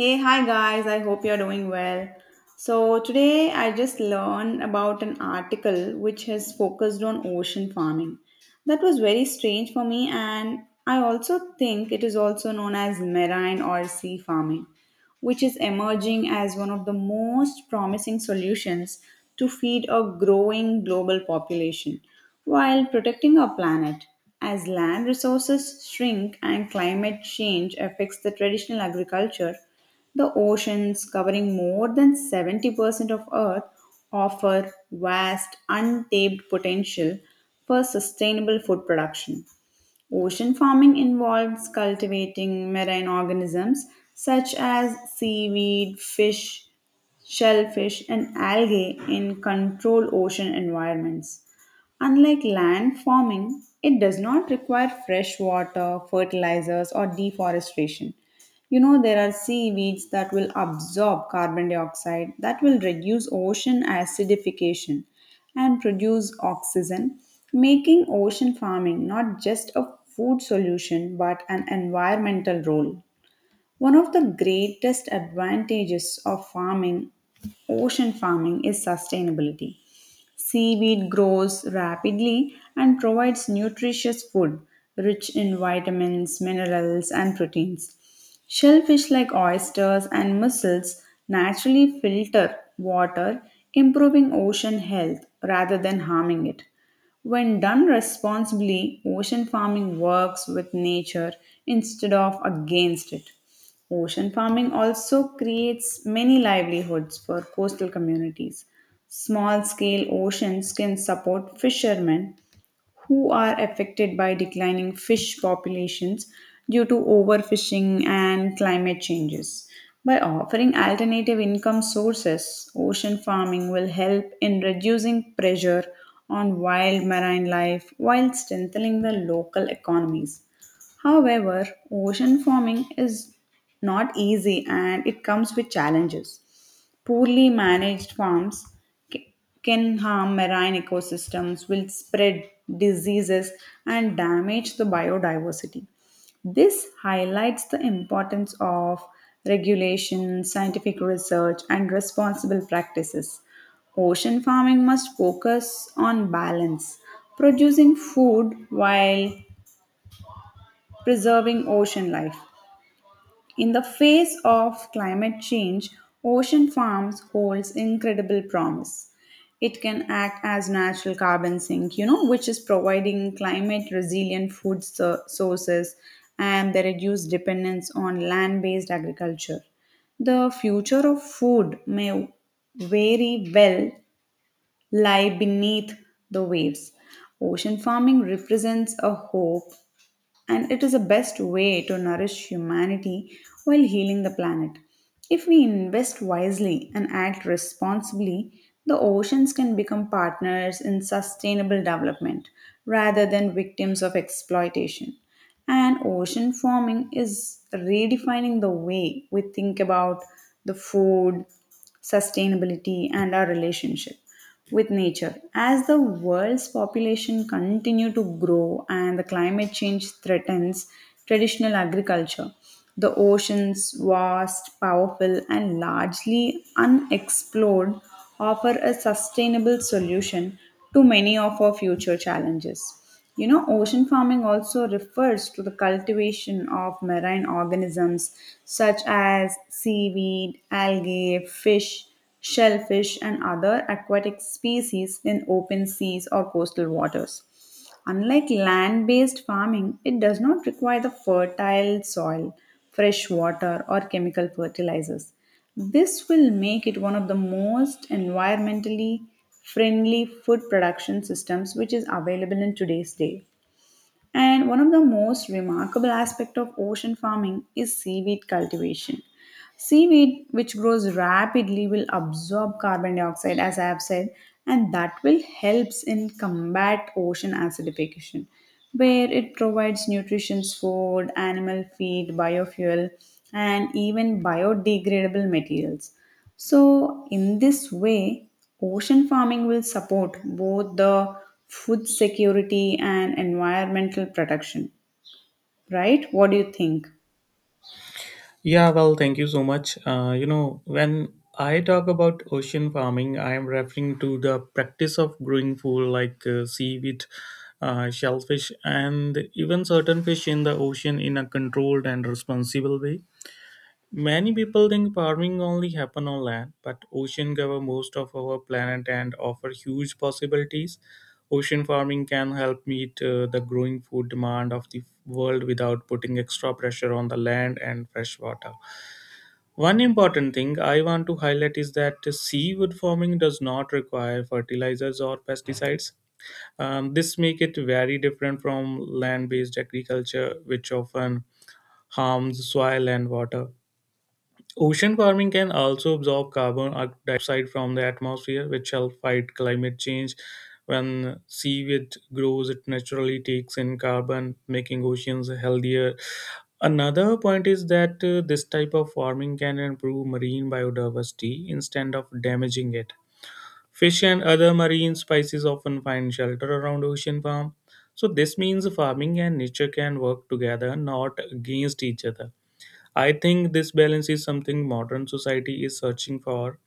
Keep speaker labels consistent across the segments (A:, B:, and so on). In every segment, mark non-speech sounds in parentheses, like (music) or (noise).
A: Hey, hi guys, I hope you're doing well. So, today I just learned about an article which has focused on ocean farming. That was very strange for me, and I also think it is also known as marine or sea farming, which is emerging as one of the most promising solutions to feed a growing global population while protecting our planet. As land resources shrink and climate change affects the traditional agriculture, the oceans, covering more than 70% of Earth, offer vast, untapped potential for sustainable food production. Ocean farming involves cultivating marine organisms such as seaweed, fish, shellfish, and algae in controlled ocean environments. Unlike land farming, it does not require fresh water, fertilizers, or deforestation. You know, there are seaweeds that will absorb carbon dioxide, that will reduce ocean acidification and produce oxygen, making ocean farming not just a food solution but an environmental role. One of the greatest advantages of farming, ocean farming, is sustainability. Seaweed grows rapidly and provides nutritious food rich in vitamins, minerals, and proteins. Shellfish like oysters and mussels naturally filter water, improving ocean health rather than harming it. When done responsibly, ocean farming works with nature instead of against it. Ocean farming also creates many livelihoods for coastal communities. Small scale oceans can support fishermen who are affected by declining fish populations due to overfishing and climate changes. By offering alternative income sources, ocean farming will help in reducing pressure on wild marine life while strengthening the local economies. However, ocean farming is not easy and it comes with challenges. Poorly managed farms ca- can harm marine ecosystems, will spread diseases, and damage the biodiversity. This highlights the importance of regulation, scientific research, and responsible practices. Ocean farming must focus on balance, producing food while preserving ocean life. In the face of climate change, ocean farms holds incredible promise. It can act as natural carbon sink, you know, which is providing climate resilient sources and the reduced dependence on land-based agriculture. The future of food may very well lie beneath the waves. Ocean farming represents a hope and it is the best way to nourish humanity while healing the planet. If we invest wisely and act responsibly, the oceans can become partners in sustainable development rather than victims of exploitation. And ocean farming is redefining the way we think about the food, sustainability and our relationship with nature as the world's population continue to grow and the climate change threatens traditional agriculture, the oceans, vast powerful and largely unexplored, offer a sustainable solution to many of our future challenges. You know, ocean farming also refers to the cultivation of marine organisms such as seaweed, algae, fish, shellfish, and other aquatic species in open seas or coastal waters. Unlike land based farming, it does not require the fertile soil, fresh water, or chemical fertilizers. This will make it one of the most environmentally friendly food production systems which is available in today's day. And one of the most remarkable aspect of ocean farming is seaweed cultivation. Seaweed, which grows rapidly, will absorb carbon dioxide, as I have said, and that will helps in combat ocean acidification, where it provides nutritious food, animal feed, biofuel, and even biodegradable materials. So, in this way, ocean farming will support both the food security and environmental protection. Right? What do you think?
B: Yeah, well, thank you so much. When I talk about ocean farming, I am referring to the practice of growing food like seaweed, shellfish, and even certain fish in the ocean in a controlled and responsible way. Many people think farming only happen on land, but ocean cover most of our planet and offer huge possibilities. Ocean farming can help meet the growing food demand of the world without putting extra pressure on the land and fresh water. One important thing I want to highlight is that seaweed farming does not require fertilizers or pesticides. This makes it very different from land-based agriculture, which often harms soil and water. Ocean farming can also absorb carbon dioxide from the atmosphere, which help fight climate change. When seaweed grows, it naturally takes in carbon, making oceans healthier. Another point is that this type of farming can improve marine biodiversity instead of damaging it. Fish and other marine species often find shelter around ocean farm. So this means farming and nature can work together, not against each other. I think this balance is something modern society is searching for.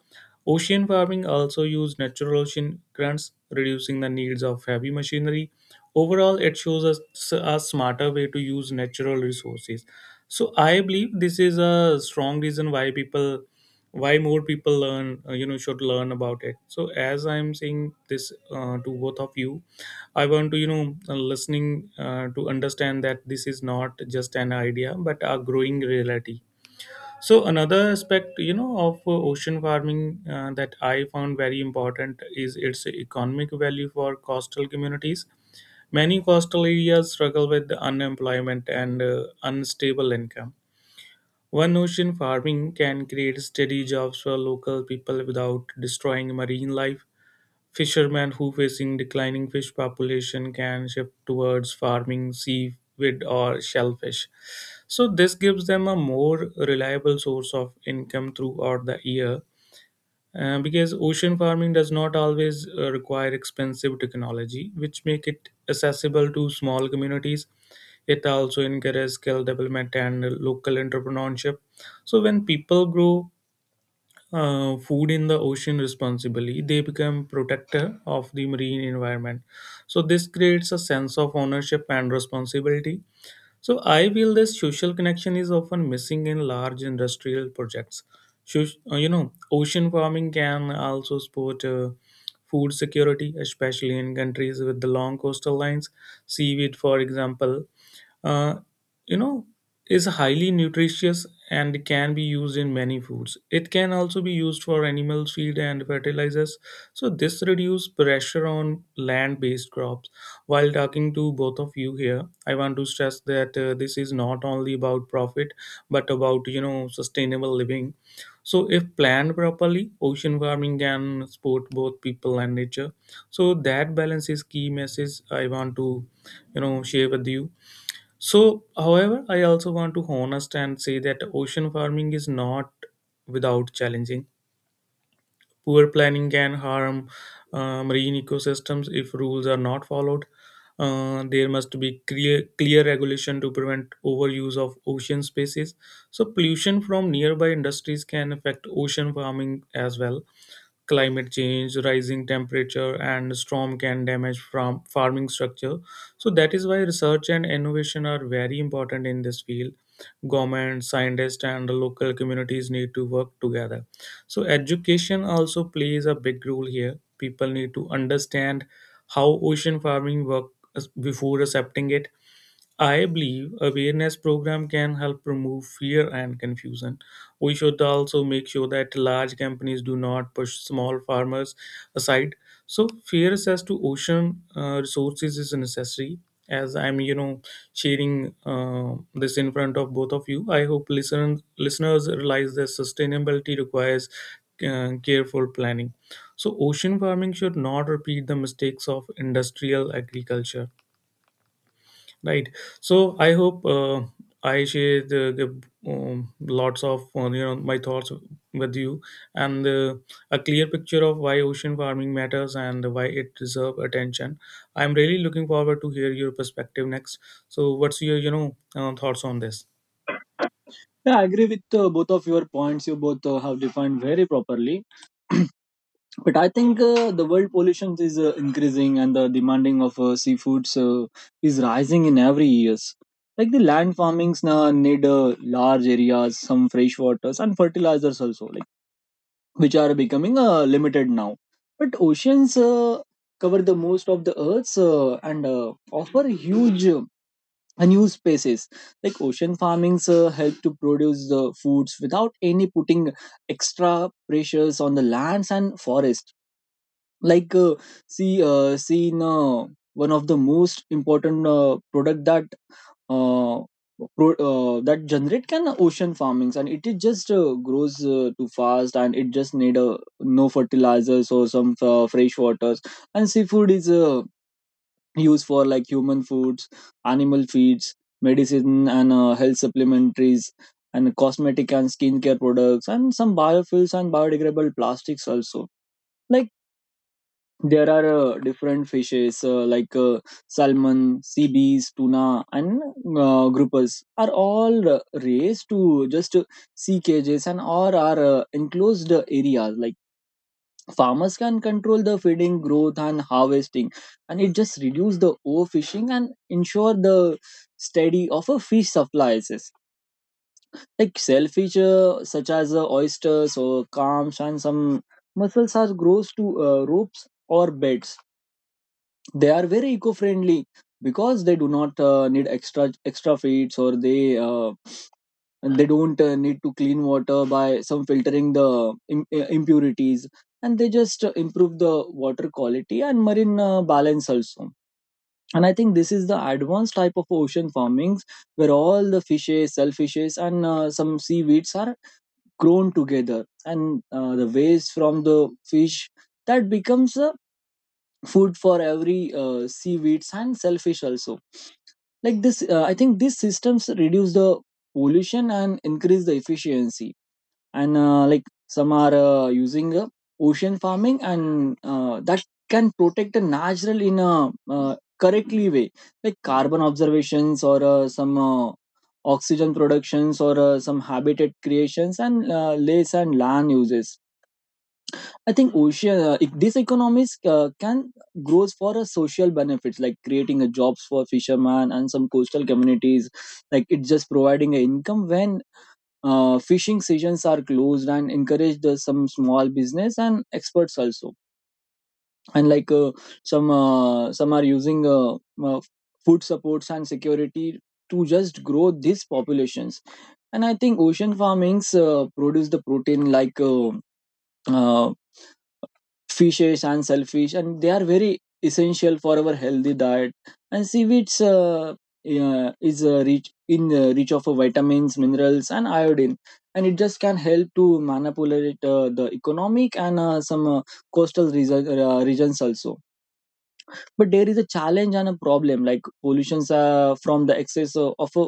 B: Ocean farming also uses natural ocean currents, reducing the needs of heavy machinery. Overall, it shows us a smarter way to use natural resources. So I believe this is a strong reason why more people should learn about it. So as I'm saying this to both of you, I want to, you know, listening to understand that this is not just an idea, but a growing reality. So another aspect, of ocean farming that I found very important is its economic value for coastal communities. Many coastal areas struggle with unemployment and unstable income. One ocean farming can create steady jobs for local people without destroying marine life. Fishermen who facing declining fish population can shift towards farming seaweed or shellfish. So this gives them a more reliable source of income throughout the year. Because ocean farming does not always require expensive technology, which make it accessible to small communities. It also encourages skill development and local entrepreneurship. So when people grow food in the ocean responsibly, they become protector of the marine environment. So this creates a sense of ownership and responsibility. So I feel this social connection is often missing in large industrial projects. Ocean farming can also support food security, especially in countries with the long coastal lines. Seaweed, for example, uh, you know, is highly nutritious and can be used in many foods. It can also be used for animal feed and fertilizers. So this reduces pressure on land-based crops. While talking to both of you here, I want to stress that this is not only about profit, but about sustainable living. So if planned properly, ocean farming can support both people and nature. So that balance is key message I want to share with you. So however, I also want to honest and say that ocean farming is not without challenging. Poor planning can harm marine ecosystems if rules are not followed. There must be clear regulation to prevent overuse of ocean spaces. So, pollution from nearby industries can affect ocean farming as well. Climate change, rising temperature and storm can damage from farming structure. So that is why research and innovation are very important in this field. Government, scientists and the local communities need to work together. So education also plays a big role here. People need to understand how ocean farming works before accepting it. I believe awareness program can help remove fear and confusion. We should also make sure that large companies do not push small farmers aside. So fair access to ocean resources is necessary. As I'm, sharing this in front of both of you, I hope listeners realize that sustainability requires careful planning. So ocean farming should not repeat the mistakes of industrial agriculture. Right. So I hope I share the lots of you know my thoughts with you, and a clear picture of why ocean farming matters and why it deserves attention. I'm really looking forward to hear your perspective next. So what's your thoughts on this?
C: Yeah, I agree with both of your points. You both have defined very properly. (clears throat) But I think the world pollution is increasing and the demanding of seafoods is rising in every years. Like the land farmings now need large areas, some fresh waters and fertilizers also, like which are becoming limited now. But oceans cover the most of the earths and offer huge unused spaces like ocean farmings help to produce the foods without any putting extra pressures on the lands and forest. Like see seen One of the most important product that uh, that generate can ocean farmings, and it is just grows too fast and it just need no fertilizers or some fresh waters. And seafood is used for like human foods, animal feeds, medicine and health supplementaries, and cosmetic and skincare products, and some biofuels and biodegradable plastics also. Like there are different fishes salmon, sea bees, tuna, and groupers are all raised to just sea cages and or are enclosed areas, like farmers can control the feeding growth and harvesting, and it just reduce the overfishing and ensure the steady of a fish supplies. Like shellfish such as oysters or clams and some mussels are grows to ropes or beds. They are very eco-friendly because they do not need extra feeds, or they don't need to clean water by some filtering the impurities, and they just improve the water quality and marine balance also. And I think this is the advanced type of ocean farmings, where all the fishes, shellfishes and some seaweeds are grown together, and the waste from the fish that becomes a food for every seaweeds and shellfish also. Like this, I think these systems reduce the pollution and increase the efficiency. And like some are using ocean farming, and that can protect the natural in a correctly way, like carbon observations or some oxygen productions or some habitat creations and lakes and land uses. I think ocean these economies can grows for a social benefits, like creating a jobs for fishermen and some coastal communities, like it's just providing an income when fishing seasons are closed, and encourage the, some small business and experts also. And some are using uh, food supports and security to just grow these populations. And I think ocean farmings produce the protein, like uh, fishes and shellfish, and they are very essential for our healthy diet. And seaweeds yeah, is rich of vitamins, minerals and iodine, and it just can help to manipulate the economic and some coastal regions also. But there is a challenge and a problem, like pollutions from the excess of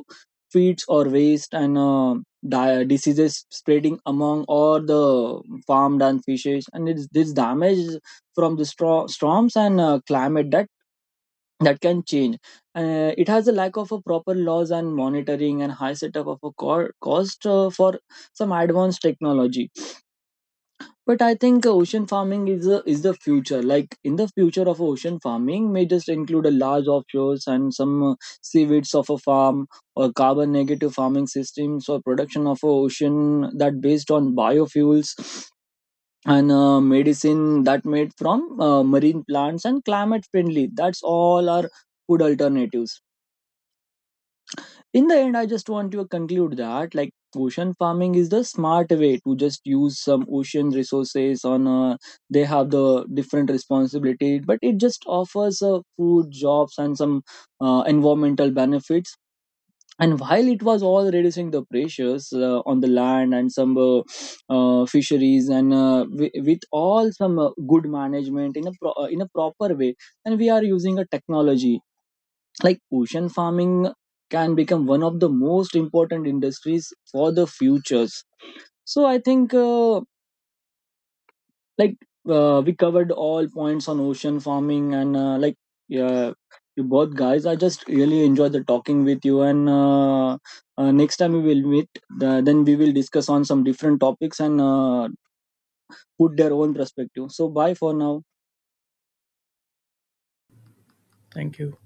C: feeds or waste, and diseases spreading among all the farmed and fishes, and it's this damage from the storms and climate that can change. Uh, it has a lack of a proper laws and monitoring, and high setup of a cost for some advanced technology. But I think ocean farming is the future. Like in the future of ocean farming may just include a large offshores and some seaweeds of a farm, or carbon negative farming systems, or production of a ocean that based on biofuels, and medicine that made from marine plants, and climate friendly that's all our food alternatives. In the end, I just want to conclude that, like, ocean farming is the smart way to just use some ocean resources on they have the different responsibility, but it just offers food, jobs and some environmental benefits, and while it was all reducing the pressures on the land and some fisheries, and with all some good management in a proper way, and we are using a technology, like ocean farming can become one of the most important industries for the futures. So I think like, we covered all points on ocean farming, and like, yeah, you both guys, I just really enjoyed the talking with you, and next time we will meet, then we will discuss on some different topics, and put their own perspective. So bye for now.
B: Thank you.